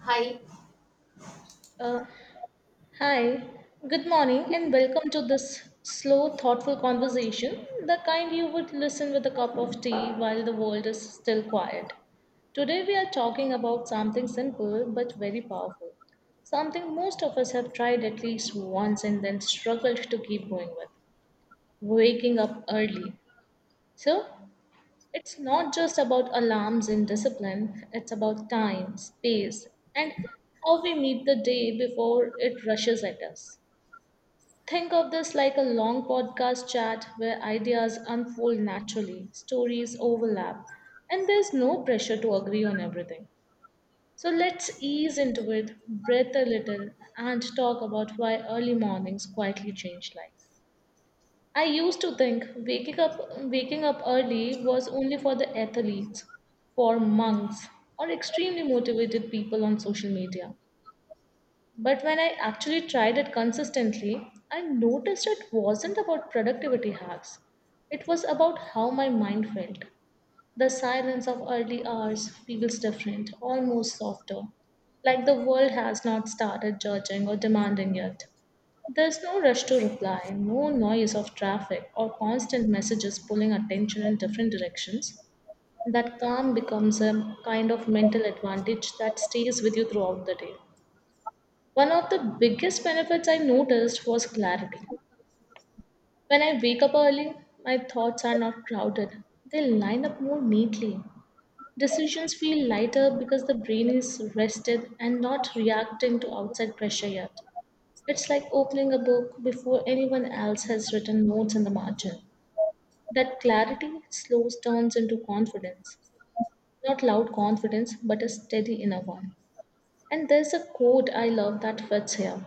Hi, Uh, hi, good morning, and welcome to this slow, thoughtful conversation, the kind you would listen with a cup of tea while the world is still quiet. Today, we are talking about something simple but very powerful, something most of us have tried at least once and then struggled to keep going with waking up early. So, it's not just about alarms and discipline, it's about time, space, and how we meet the day before it rushes at us. Think of this like a long podcast chat where ideas unfold naturally, stories overlap, and there's no pressure to agree on everything. So let's ease into it, breathe a little, and talk about why early mornings quietly change lives. I used to think waking up early was only for the athletes, for monks, or extremely motivated people on social media. But when I actually tried it consistently, I noticed it wasn't about productivity hacks. It was about how my mind felt. The silence of early hours feels different, almost softer, like the world has not started judging or demanding yet. There's no rush to reply, no noise of traffic or constant messages pulling attention in different directions. That calm becomes a kind of mental advantage that stays with you throughout the day. One of the biggest benefits I noticed was clarity. When I wake up early, my thoughts are not crowded, they line up more neatly. Decisions feel lighter because the brain is rested and not reacting to outside pressure yet. It's like opening a book before anyone else has written notes in the margin. That clarity slows turns into confidence. Not loud confidence, but a steady inner one. And there's a quote I love that fits here: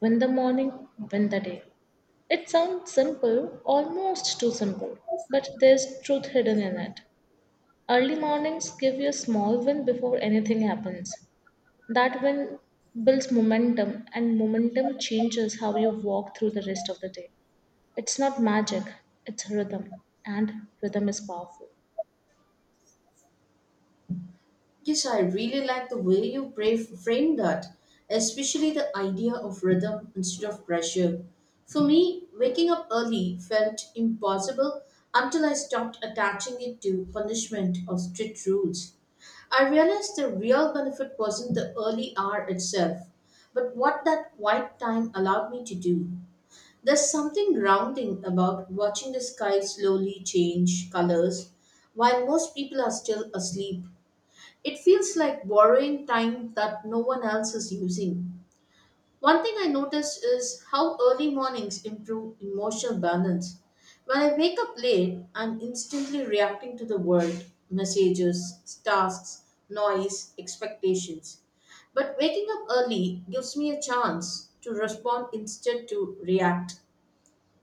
"Win the morning, win the day." It sounds simple, almost too simple, but there's truth hidden in it. Early mornings give you a small win before anything happens. That win builds momentum, and momentum changes how you walk through the rest of the day. It's not magic, it's rhythm, and rhythm is powerful. yes, I really like the way you framed that, especially the idea of rhythm instead of pressure. For me, waking up early felt impossible until I stopped attaching it to punishment or strict rules. I realized the real benefit wasn't the early hour itself, but what that quiet time allowed me to do. There's something grounding about watching the sky slowly change colors while most people are still asleep. It feels like borrowing time that no one else is using. One thing I notice is how early mornings improve emotional balance. When I wake up late, I'm instantly reacting to the world, messages, tasks, noise, expectations. But waking up early gives me a chance to respond instead to react.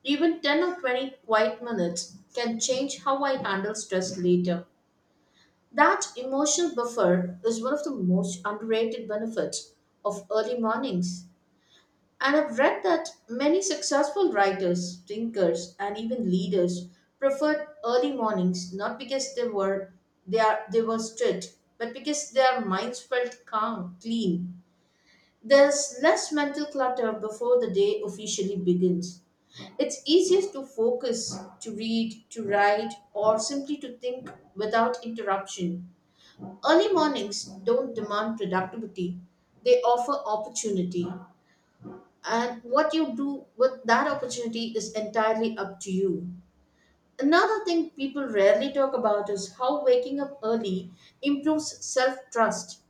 Even 10 or 20 quiet minutes can change how I handle stress later. That emotional buffer is one of the most underrated benefits of early mornings. And I've read that many successful writers, thinkers, and even leaders preferred early mornings not because they were strict, but because their minds felt calm, clean. There's less mental clutter before the day officially begins. It's easiest to focus, to read, to write, or simply to think without interruption. Early mornings don't demand productivity, they offer opportunity. And what you do with that opportunity is entirely up to you. Another thing people rarely talk about is how waking up early improves self trust.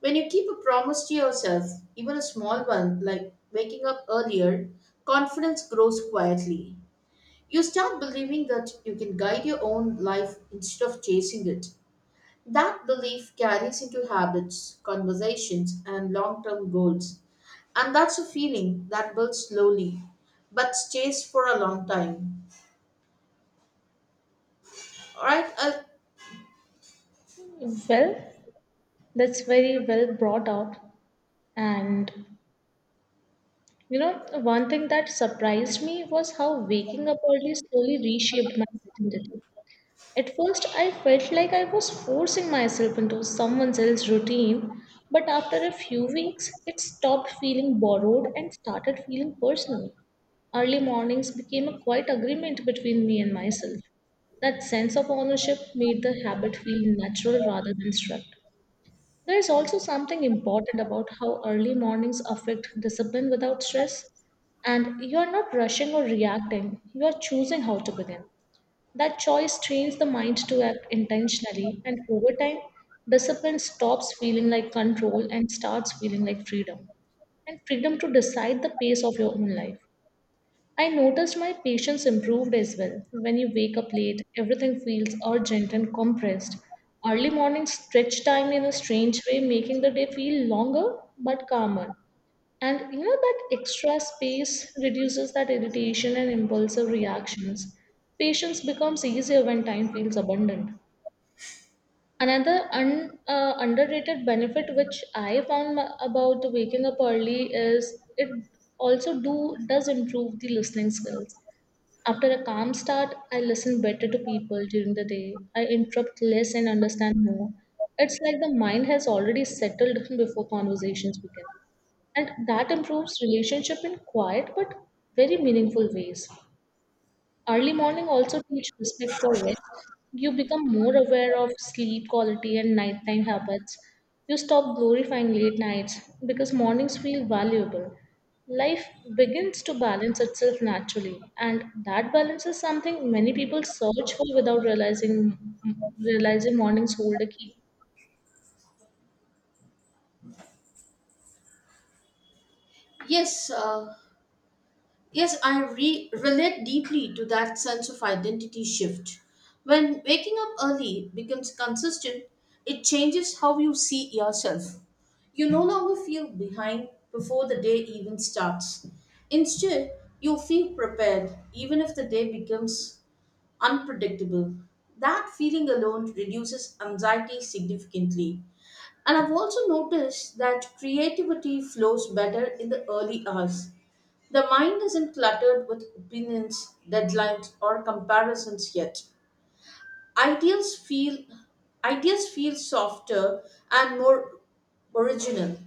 When you keep a promise to yourself, even a small one like waking up earlier, confidence grows quietly. You start believing that you can guide your own life instead of chasing it. That belief carries into habits, conversations, and long term goals. And that's a feeling that builds slowly but stays for a long time. All right. Well, that's very well brought out. And you know, one thing that surprised me was how waking up early slowly reshaped my identity. At first, I felt like I was forcing myself into someone else's routine, but after a few weeks, it stopped feeling borrowed and started feeling personal. Early mornings became a quiet agreement between me and myself. That sense of ownership made the habit feel natural rather than strict. There is also something important about how early mornings affect discipline without stress, and you are not rushing or reacting, you are choosing how to begin. That choice trains the mind to act intentionally, and over time, discipline stops feeling like control and starts feeling like freedom, and freedom to decide the pace of your own life. I noticed my patience improved as well. When you wake up late, everything feels urgent and compressed. Early morning stretch time in a strange way, making the day feel longer but calmer. And you know that extra space reduces that irritation and impulsive reactions. Patience becomes easier when time feels abundant. Another underrated benefit which I found about waking up early is it also do does improve the listening skills. After a calm start, I listen better to people during the day. I interrupt less and understand more. It's like the mind has already settled before conversations begin, and that improves relationship in quiet but very meaningful ways. Early morning also teach respect for rest. You become more aware of sleep quality and nighttime habits. You stop glorifying late nights because mornings feel valuable. Life begins to balance itself naturally, and that balance is something many people search for without realizing mornings hold a key. yes. Uh, relate deeply to that sense of identity shift. When waking up early becomes consistent, it changes how you see yourself. You no longer feel behind before the day even starts. Instead, you feel prepared even if the day becomes unpredictable. That feeling alone reduces anxiety significantly. And I've also noticed that creativity flows better in the early hours. The mind isn't cluttered with opinions, deadlines, or comparisons yet. Ideas feel Ideas feel softer and more original.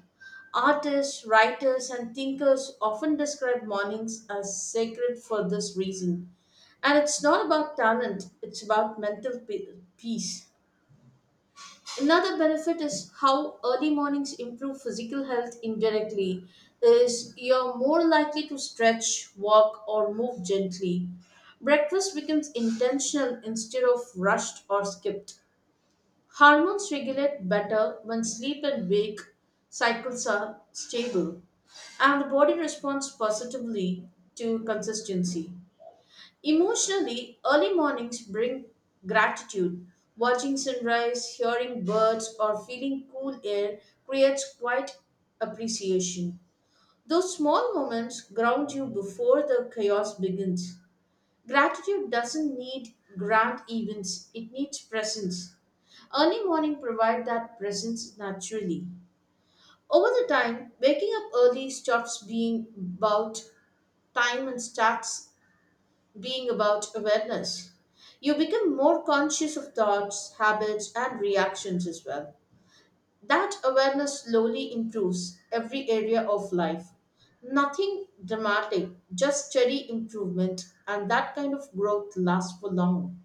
Artists, writers, and thinkers often describe mornings as sacred for this reason. And it's not about talent, it's about peace. Another benefit is how early mornings improve physical health indirectly is you're more likely to stretch, walk or move gently. Breakfast becomes intentional instead of rushed or skipped. Hormones regulate better when sleep and wake cycles are stable and the body responds positively to consistency. Emotionally, early mornings bring gratitude. Watching sunrise, hearing birds, or feeling cool air creates quiet appreciation. Those small moments ground you before the chaos begins. Gratitude doesn't need grand events, it needs presence. Early morning provide that presence naturally. Over the time, waking up early stops being about time and starts being about awareness. You become more conscious of thoughts, habits, and reactions as well. That awareness slowly improves every area of life. Nothing dramatic, just steady improvement, and that kind of growth lasts for long.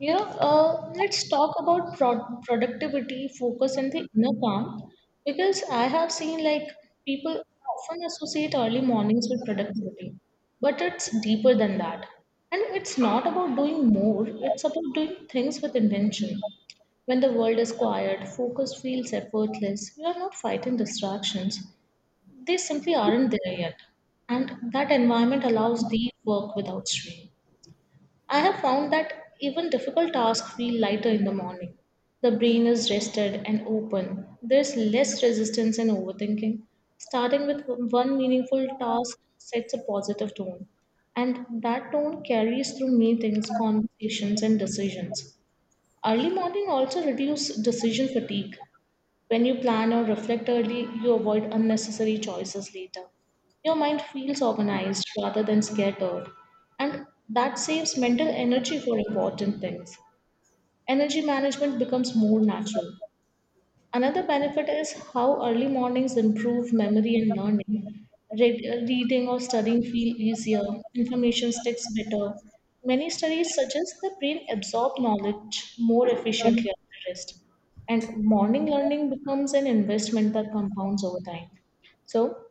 You know, let's talk about productivity, focus, and the inner calm, because I have seen like people often associate early mornings with productivity, but it's deeper than that. And it's not about doing more, it's about doing things with intention. When the world is quiet, focus feels effortless. We are not fighting distractions, they simply aren't there yet. And that environment allows deep work without strain. I have found that even difficult tasks feel lighter in the morning. The brain is rested and open. There's less resistance and overthinking. Starting with one meaningful task sets a positive tone, and that tone carries through meetings, conversations, and decisions. Early morning also reduces decision fatigue. When you plan or reflect early, you avoid unnecessary choices later. Your mind feels organized rather than scattered, and that saves mental energy for important things. Energy management becomes more natural. Another benefit is how early mornings improve memory and learning. Read, Reading or studying feel easier, information sticks better. Many studies suggest the brain absorbs knowledge more efficiently after rest, and morning learning becomes an investment that compounds over time. So,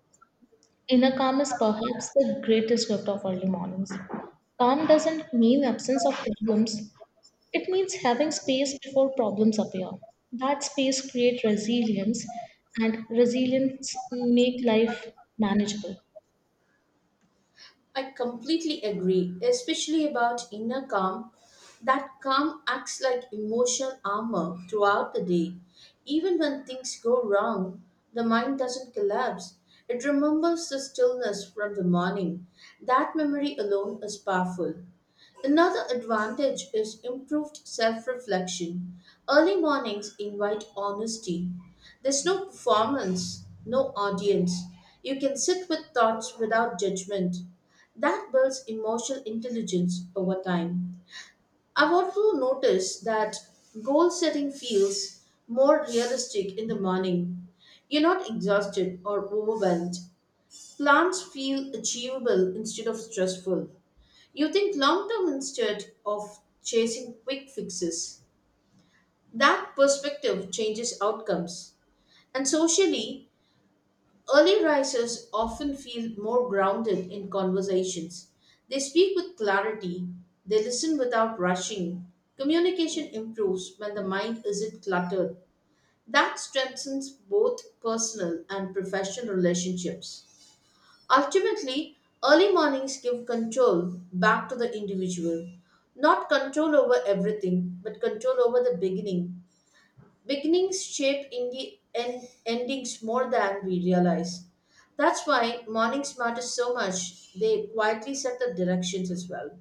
inner calm is perhaps the greatest gift of early mornings. Calm doesn't mean absence of problems, it means having space before problems appear. That space creates resilience, and resilience make life manageable. I completely agree, especially about inner calm. That calm acts like emotional armor throughout the day. Even when things go wrong, the mind doesn't collapse. It remembers the stillness from the morning. That memory alone is powerful. Another advantage is improved self reflection. Early mornings invite honesty. There's no performance, no audience. You can sit with thoughts without judgment. That builds emotional intelligence over time. I've also noticed that goal setting feels more realistic in the morning. You're not exhausted or overwhelmed. Plans feel achievable instead of stressful. You think long term instead of chasing quick fixes. That perspective changes outcomes. And socially, early risers often feel more grounded in conversations. They speak with clarity, they listen without rushing. Communication improves when the mind isn't cluttered. That strengthens both personal and professional relationships. Ultimately, early mornings give control back to the individual. Not control over everything, but control over the beginning. Beginnings shape indi- en- endings more than we realize. That's why mornings matter so much. They quietly set the directions as well.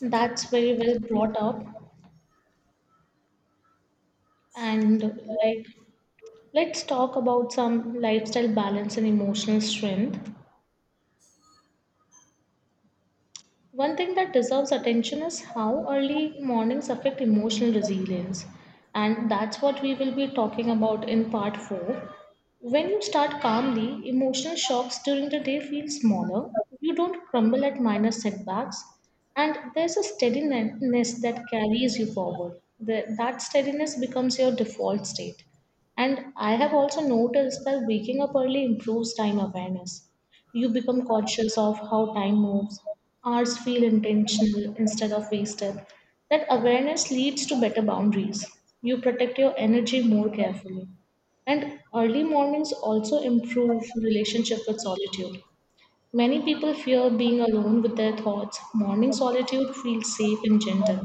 That's very well brought up. And like, let's talk about some lifestyle balance and emotional strength. One thing that deserves attention is how early mornings affect emotional resilience. And that's what we will be talking about in part 4. When you start calmly, emotional shocks during the day feel smaller. You don't crumble at minor setbacks. And there's a steadiness that carries you forward. That steadiness becomes your default state. And I have also noticed that waking up early improves time awareness. You become conscious of how time moves. Hours feel intentional instead of wasted. That awareness leads to better boundaries. You protect your energy more carefully. And early mornings also improve relationship with solitude. Many people fear being alone with their thoughts. Morning solitude feels safe and gentle.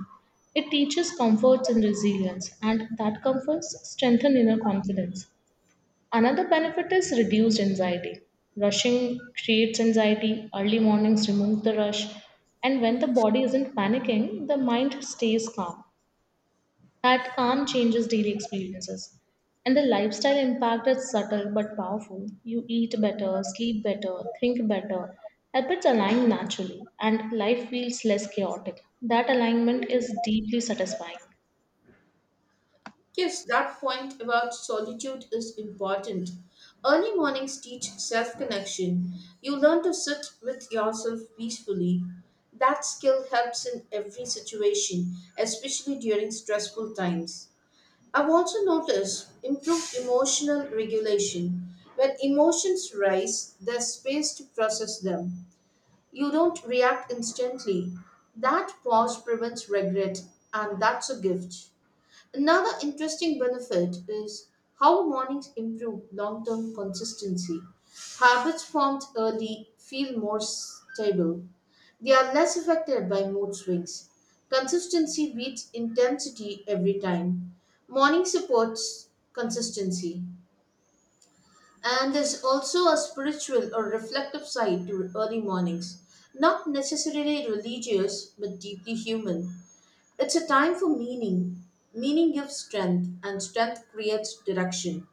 It teaches comforts and resilience, and that comforts strengthen inner confidence. Another benefit is reduced anxiety. Rushing creates anxiety, early mornings remove the rush, and when the body isn't panicking, the mind stays calm. That calm changes daily experiences. And the lifestyle impact is subtle but powerful. You eat better, sleep better, think better. Habits align naturally, and life feels less chaotic. That alignment is deeply satisfying. Yes, that point about solitude is important. Early mornings teach self connection. You learn to sit with yourself peacefully. That skill helps in every situation, especially during stressful times. I've also noticed improved emotional regulation. When emotions rise, there's space to process them. You don't react instantly. That pause prevents regret, and that's a gift. Another interesting benefit is how mornings improve long term consistency. Habits formed early feel more stable, they are less affected by mood swings. Consistency beats intensity every time. Morning supports consistency. And there's also a spiritual or reflective side to early mornings. Not necessarily religious, but deeply human. It's a time for meaning. Meaning gives strength, and strength creates direction.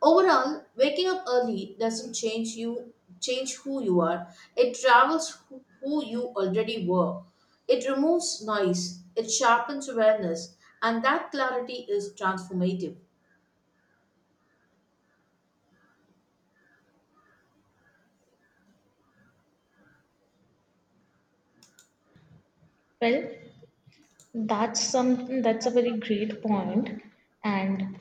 Overall, waking up early doesn't change who you are. It travels who you already were. It removes noise, it sharpens awareness, and that clarity is transformative. Well, that's some that's a very great point, and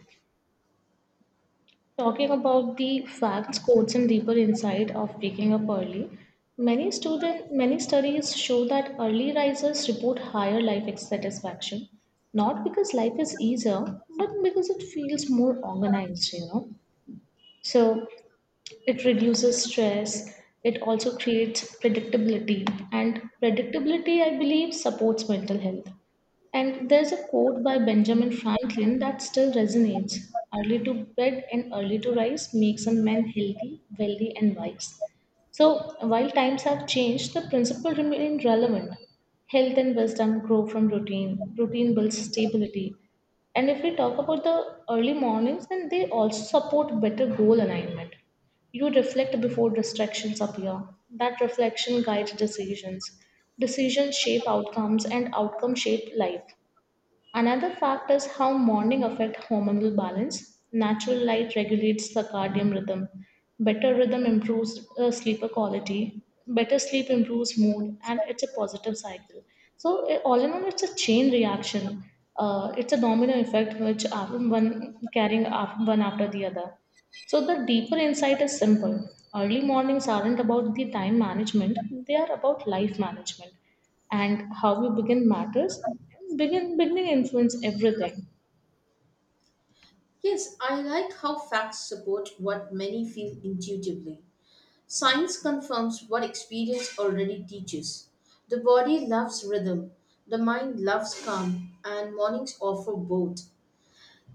talking about the facts, quotes, and deeper insight of waking up early, many studies show that early risers report higher life satisfaction, not because life is easier, but because it feels more organized. You know, so it reduces stress. It also creates predictability. And predictability, I believe, supports mental health. And there's a quote by Benjamin Franklin that still resonates: "Early to bed and early to rise makes a man healthy, wealthy, and wise." So, while times have changed, the principle remains relevant. Health and wisdom grow from routine, routine builds stability. And if we talk about the early mornings, then they also support better goal alignment. You reflect before distractions appear. That reflection guides decisions. Decisions shape outcomes, and outcomes shape life. Another fact is how morning affect hormonal balance. Natural light regulates circadian rhythm. Better rhythm improves sleeper quality. Better sleep improves mood, and it's a positive cycle. So, all in all, it's a chain reaction. It's a domino effect which one after the other. So, the deeper insight is simple. Early mornings aren't about the time management, they are about life management. And how you begin matters. Beginning influence everything. Yes, I like how facts support what many feel intuitively. Science confirms what experience already teaches. The body loves rhythm, the mind loves calm, and mornings offer both.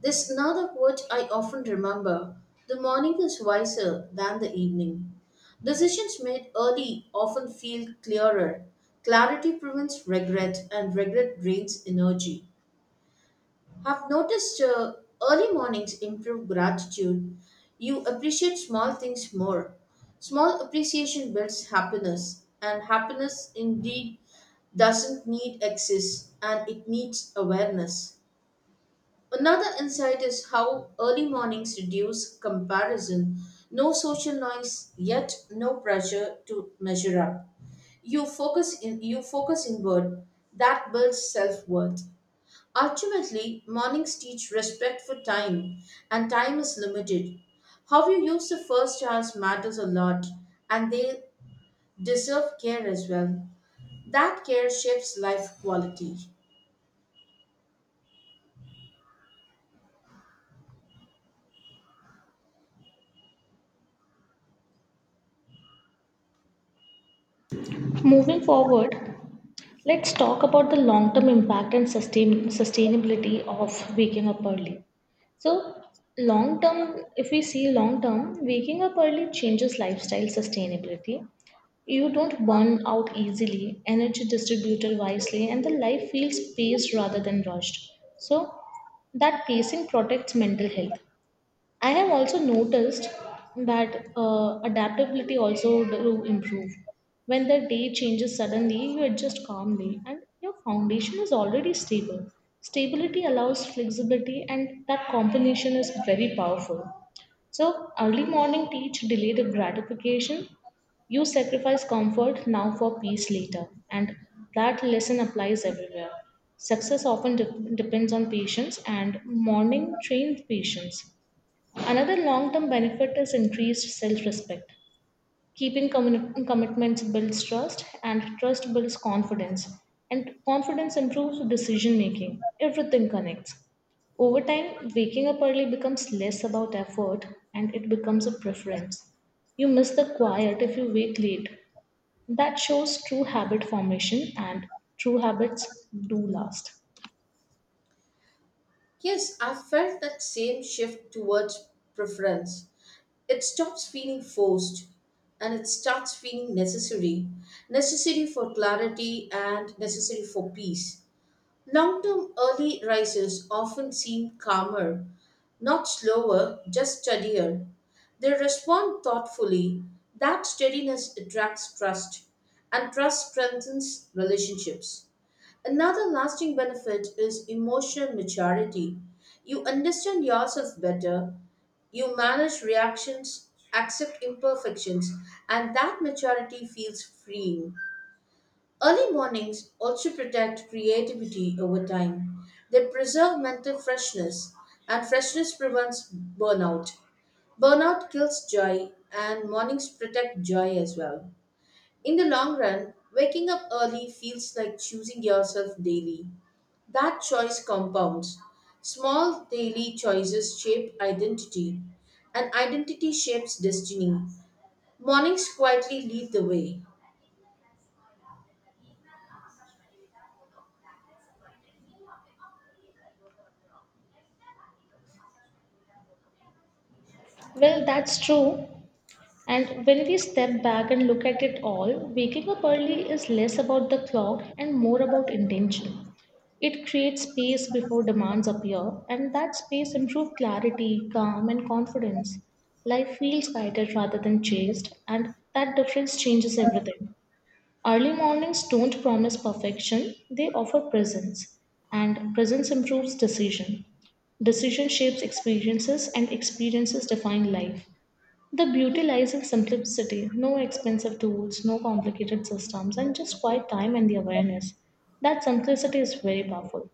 There's another quote I often remember. The morning is wiser than the evening. Decisions made early often feel clearer. Clarity prevents regret, and regret drains energy. I've noticed early mornings improve gratitude. You appreciate small things more. Small appreciation builds happiness, and happiness indeed doesn't need excess and it needs awareness. Another insight is how early mornings reduce comparison. No social noise, yet no pressure to measure up. You focus inward. That builds self-worth. Ultimately, mornings teach respect for time, and time is limited. How you use the first hours matters a lot, and they deserve care as well. That care shapes life quality. Moving forward, let's talk about the long term impact and sustainability of waking up early. So, long term, if we see long term, waking up early changes lifestyle sustainability. You don't burn out easily, energy distributed wisely, and the life feels paced rather than rushed. So, that pacing protects mental health. I have also noticed that adaptability also do improve. When the day changes suddenly, you adjust calmly, and your foundation is already stable. Stability allows flexibility, and that combination is very powerful. So, early morning teach delay the gratification. You sacrifice comfort now for peace later. And that lesson applies everywhere. Success often depends on patience, and morning trained patience. Another long term benefit is increased self respect. Keeping commitments builds trust, and trust builds confidence, and confidence improves decision making. Everything connects. Over time, waking up early becomes less about effort, and it becomes a preference. You miss the quiet if you wake late. That shows true habit formation, and true habits do last. Yes, I felt that same shift towards preference. It stops feeling forced and it starts feeling necessary. Necessary for clarity and necessary for peace. Long term early rises often seem calmer, not slower, just steadier. They respond thoughtfully. That steadiness attracts trust, and trust strengthens relationships. Another lasting benefit is emotional maturity. You understand yourself better, you manage reactions, accept imperfections, and that maturity feels freeing. Early mornings also protect creativity over time. They preserve mental freshness, and freshness prevents burnout. Burnout kills joy, and mornings protect joy as well. In the long run, waking up early feels like choosing yourself daily. That choice compounds. Small daily choices shape identity, and identity shapes destiny. Mornings quietly lead the way. Well, that's true. And when we step back and look at it all, waking up early is less about the clock and more about intention. It creates space before demands appear, and that space improves clarity, calm, and confidence. Life feels guided rather than chased, and that difference changes everything. Early mornings don't promise perfection, they offer presence, and presence improves decision. Decision shapes experiences, and experiences define life. The beauty lies in simplicity, no expensive tools, no complicated systems, and just quiet time and the awareness. That simplicity is very powerful.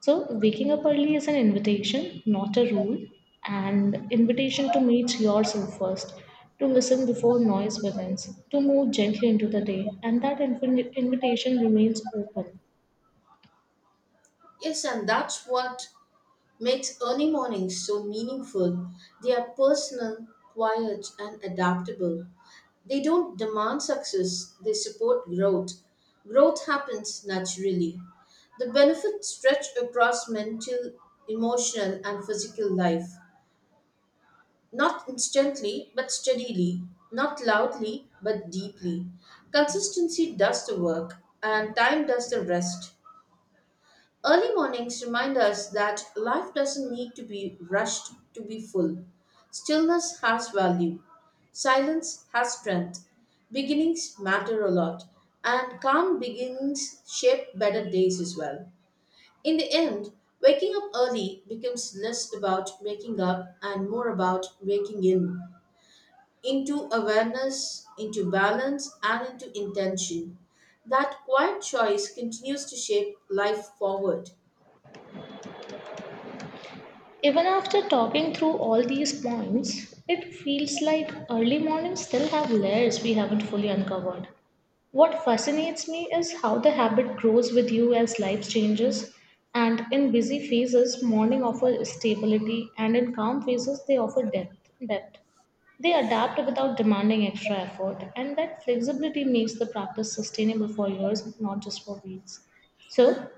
So, waking up early is an invitation, not a rule, and invitation to meet yourself first, to listen before noise begins, to move gently into the day, and that invitation remains open. Yes, and that's what makes early mornings so meaningful. They are personal, quiet, and adaptable. They don't demand success, they support growth. Growth happens naturally. The benefits stretch across mental, emotional, and physical life. Not instantly, but steadily. Not loudly, but deeply. Consistency does the work, and time does the rest. Early mornings remind us that life doesn't need to be rushed to be full. Stillness has value, silence has strength, beginnings matter a lot, and calm beginnings shape better days as well. In the end, waking up early becomes less about waking up and more about waking in, into awareness, into balance, and into intention. That quiet choice continues to shape life forward. Even after talking through all these points, it feels like early mornings still have layers we haven't fully uncovered. What fascinates me is how the habit grows with you as life changes. And in busy phases, morning offers stability, and in calm phases, they offer depth. They adapt without demanding extra effort, and that flexibility makes the practice sustainable for years, not just for weeks. So,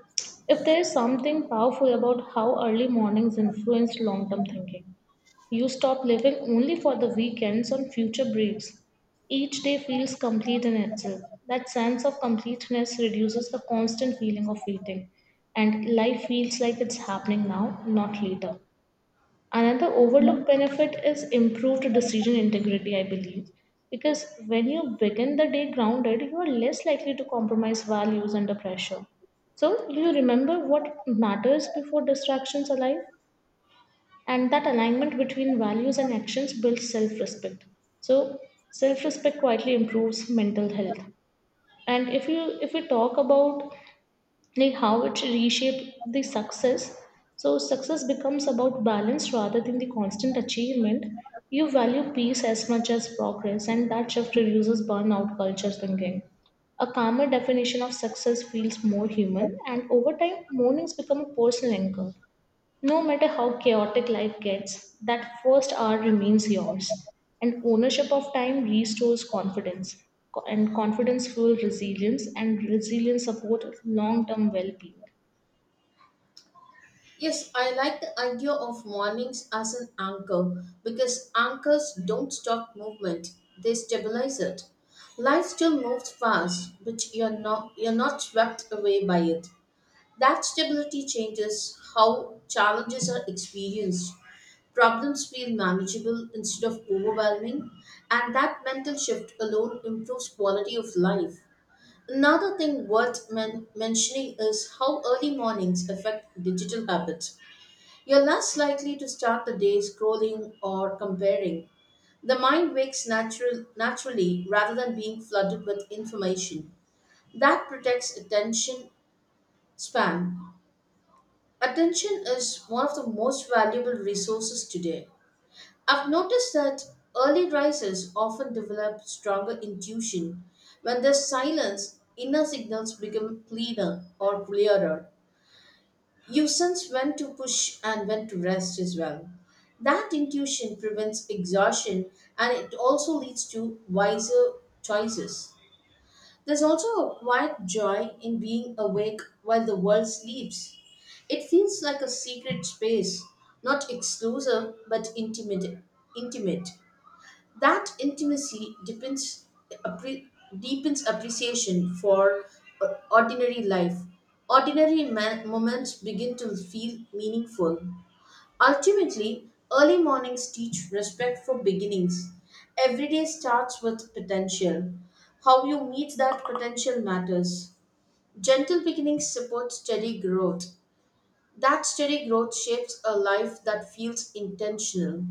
if there is something powerful about how early mornings influence long term thinking, you stop living only for the weekends on future breaks. Each day feels complete in itself. That sense of completeness reduces the constant feeling of waiting, and life feels like it's happening now, not later. Another overlooked benefit is improved decision integrity, I believe, because when you begin the day grounded, you are less likely to compromise values under pressure. So, you remember what matters before distractions arrive, and that alignment between values and actions builds self respect. So self respect quietly improves mental health. And if we talk about like how it reshape the success. So success becomes about balance rather than the constant achievement. You value peace as much as progress, and that shift reduces burnout culture thinking. A calmer definition of success feels more human, and over time mornings become a personal anchor. No matter how chaotic life gets, that first hour remains yours. And ownership of time restores confidence. And confidence fuels resilience, and resilience supports long term well being. Yes, I like the idea of warnings as an anchor because anchors don't stop movement, they stabilize it. Life still moves fast, but you're not swept away by it. That stability changes how challenges are experienced. Problems feel manageable instead of overwhelming, and that mental shift alone improves quality of life. Another thing worth mentioning is how early mornings affect digital habits. You're less likely to start the day scrolling or comparing. The mind wakes natural, naturally rather than being flooded with information. That protects attention span. Attention is one of the most valuable resources today. I've noticed that early risers often develop stronger intuition. When there's silence, inner signals become cleaner or clearer. You sense when to push and when to rest as well. That intuition prevents exhaustion and it also leads to wiser choices. There's also a quiet joy in being awake while the world sleeps. It feels like a secret space, not exclusive but intimate. That intimacy depends, appre- deepens appreciation for ordinary life. Moments begin to feel meaningful. Ultimately, early mornings teach respect for beginnings. Every day starts with potential. How you meet that potential matters. Gentle beginnings support steady growth. That steady growth shapes a life that feels intentional.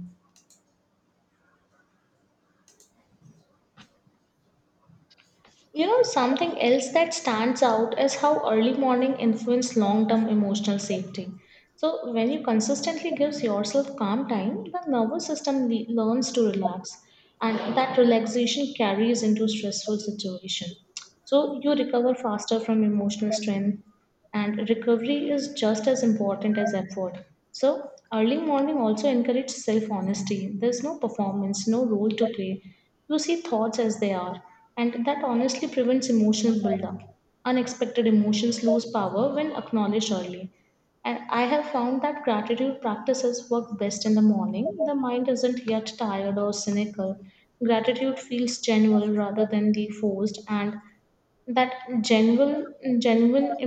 You know, something else that stands out is how early morning influence long-term emotional safety. So, when you consistently gives yourself calm time, the nervous system learns to relax, and that relaxation carries into stressful situation. So, you recover faster from emotional strain, and recovery is just as important as effort. So, early morning also encourages self honesty. There's no performance, no role to play. You see thoughts as they are, and that honestly prevents emotional buildup. Unexpected emotions lose power when acknowledged early. And I have found that gratitude practices work best in the morning. The mind isn't yet tired or cynical. Gratitude feels genuine rather than the forced, and that genuine, genuine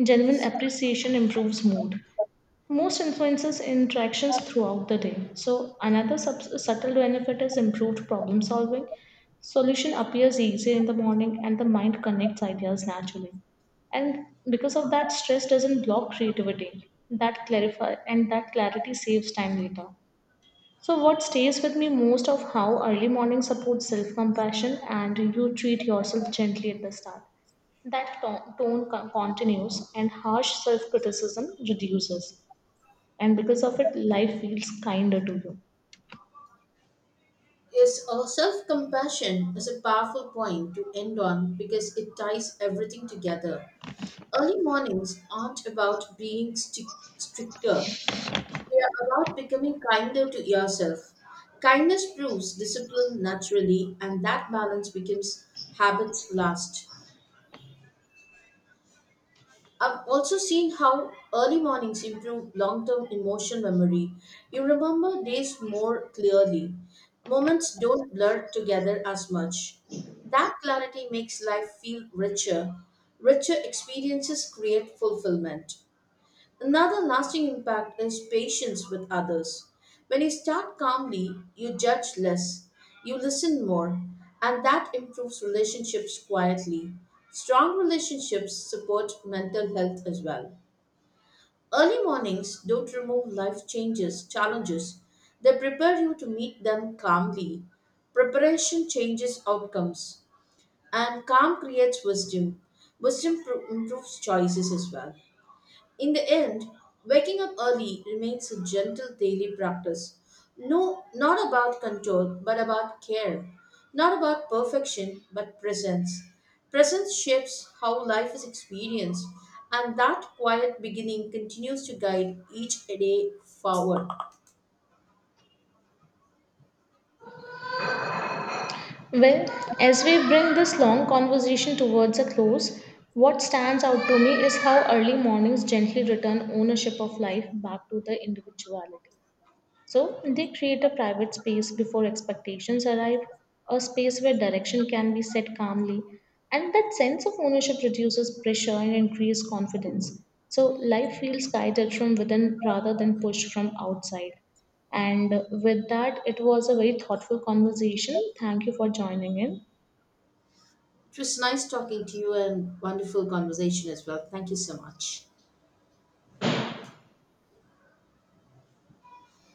Genuine appreciation improves mood. Most influences interactions throughout the day. So, another subtle benefit is improved problem solving. Solution appears easier in the morning, and the mind connects ideas naturally. And because of that, stress doesn't block creativity. That clarify and That clarity saves time later. So, what stays with me most of how early morning supports self compassion, and you treat yourself gently at the start. That tone continues, and harsh self criticism reduces. And because of it, life feels kinder to you. Yes, self compassion is a powerful point to end on because it ties everything together. Early mornings aren't about stricter, they are about becoming kinder to yourself. Kindness proves discipline naturally, and that balance becomes habits last. I've also seen how early mornings improve long term emotional memory. You remember days more clearly, moments don't blur together as much. That clarity makes life feel richer. Richer experiences create fulfillment. Another lasting impact is patience with others. When you start calmly, you judge less, you listen more, and that improves relationships quietly. Strong relationships support mental health as well. Early mornings don't remove challenges. They prepare you to meet them calmly. Preparation changes outcomes, and calm creates wisdom. Improves choices as well. In the end, waking up early remains a gentle daily practice. No, not about control, but about care. Not about perfection, but presence. Presence shapes how life is experienced, and that quiet beginning continues to guide each day forward. Well, as we bring this long conversation towards a close, what stands out to me is how early mornings gently return ownership of life back to the individuality. So they create a private space before expectations arrive, a space where direction can be set calmly. And that sense of ownership reduces pressure and increases confidence. So life feels guided from within rather than pushed from outside. And with that, it was a very thoughtful conversation. Thank you for joining in. It was nice talking to you and wonderful conversation as well. Thank you so much.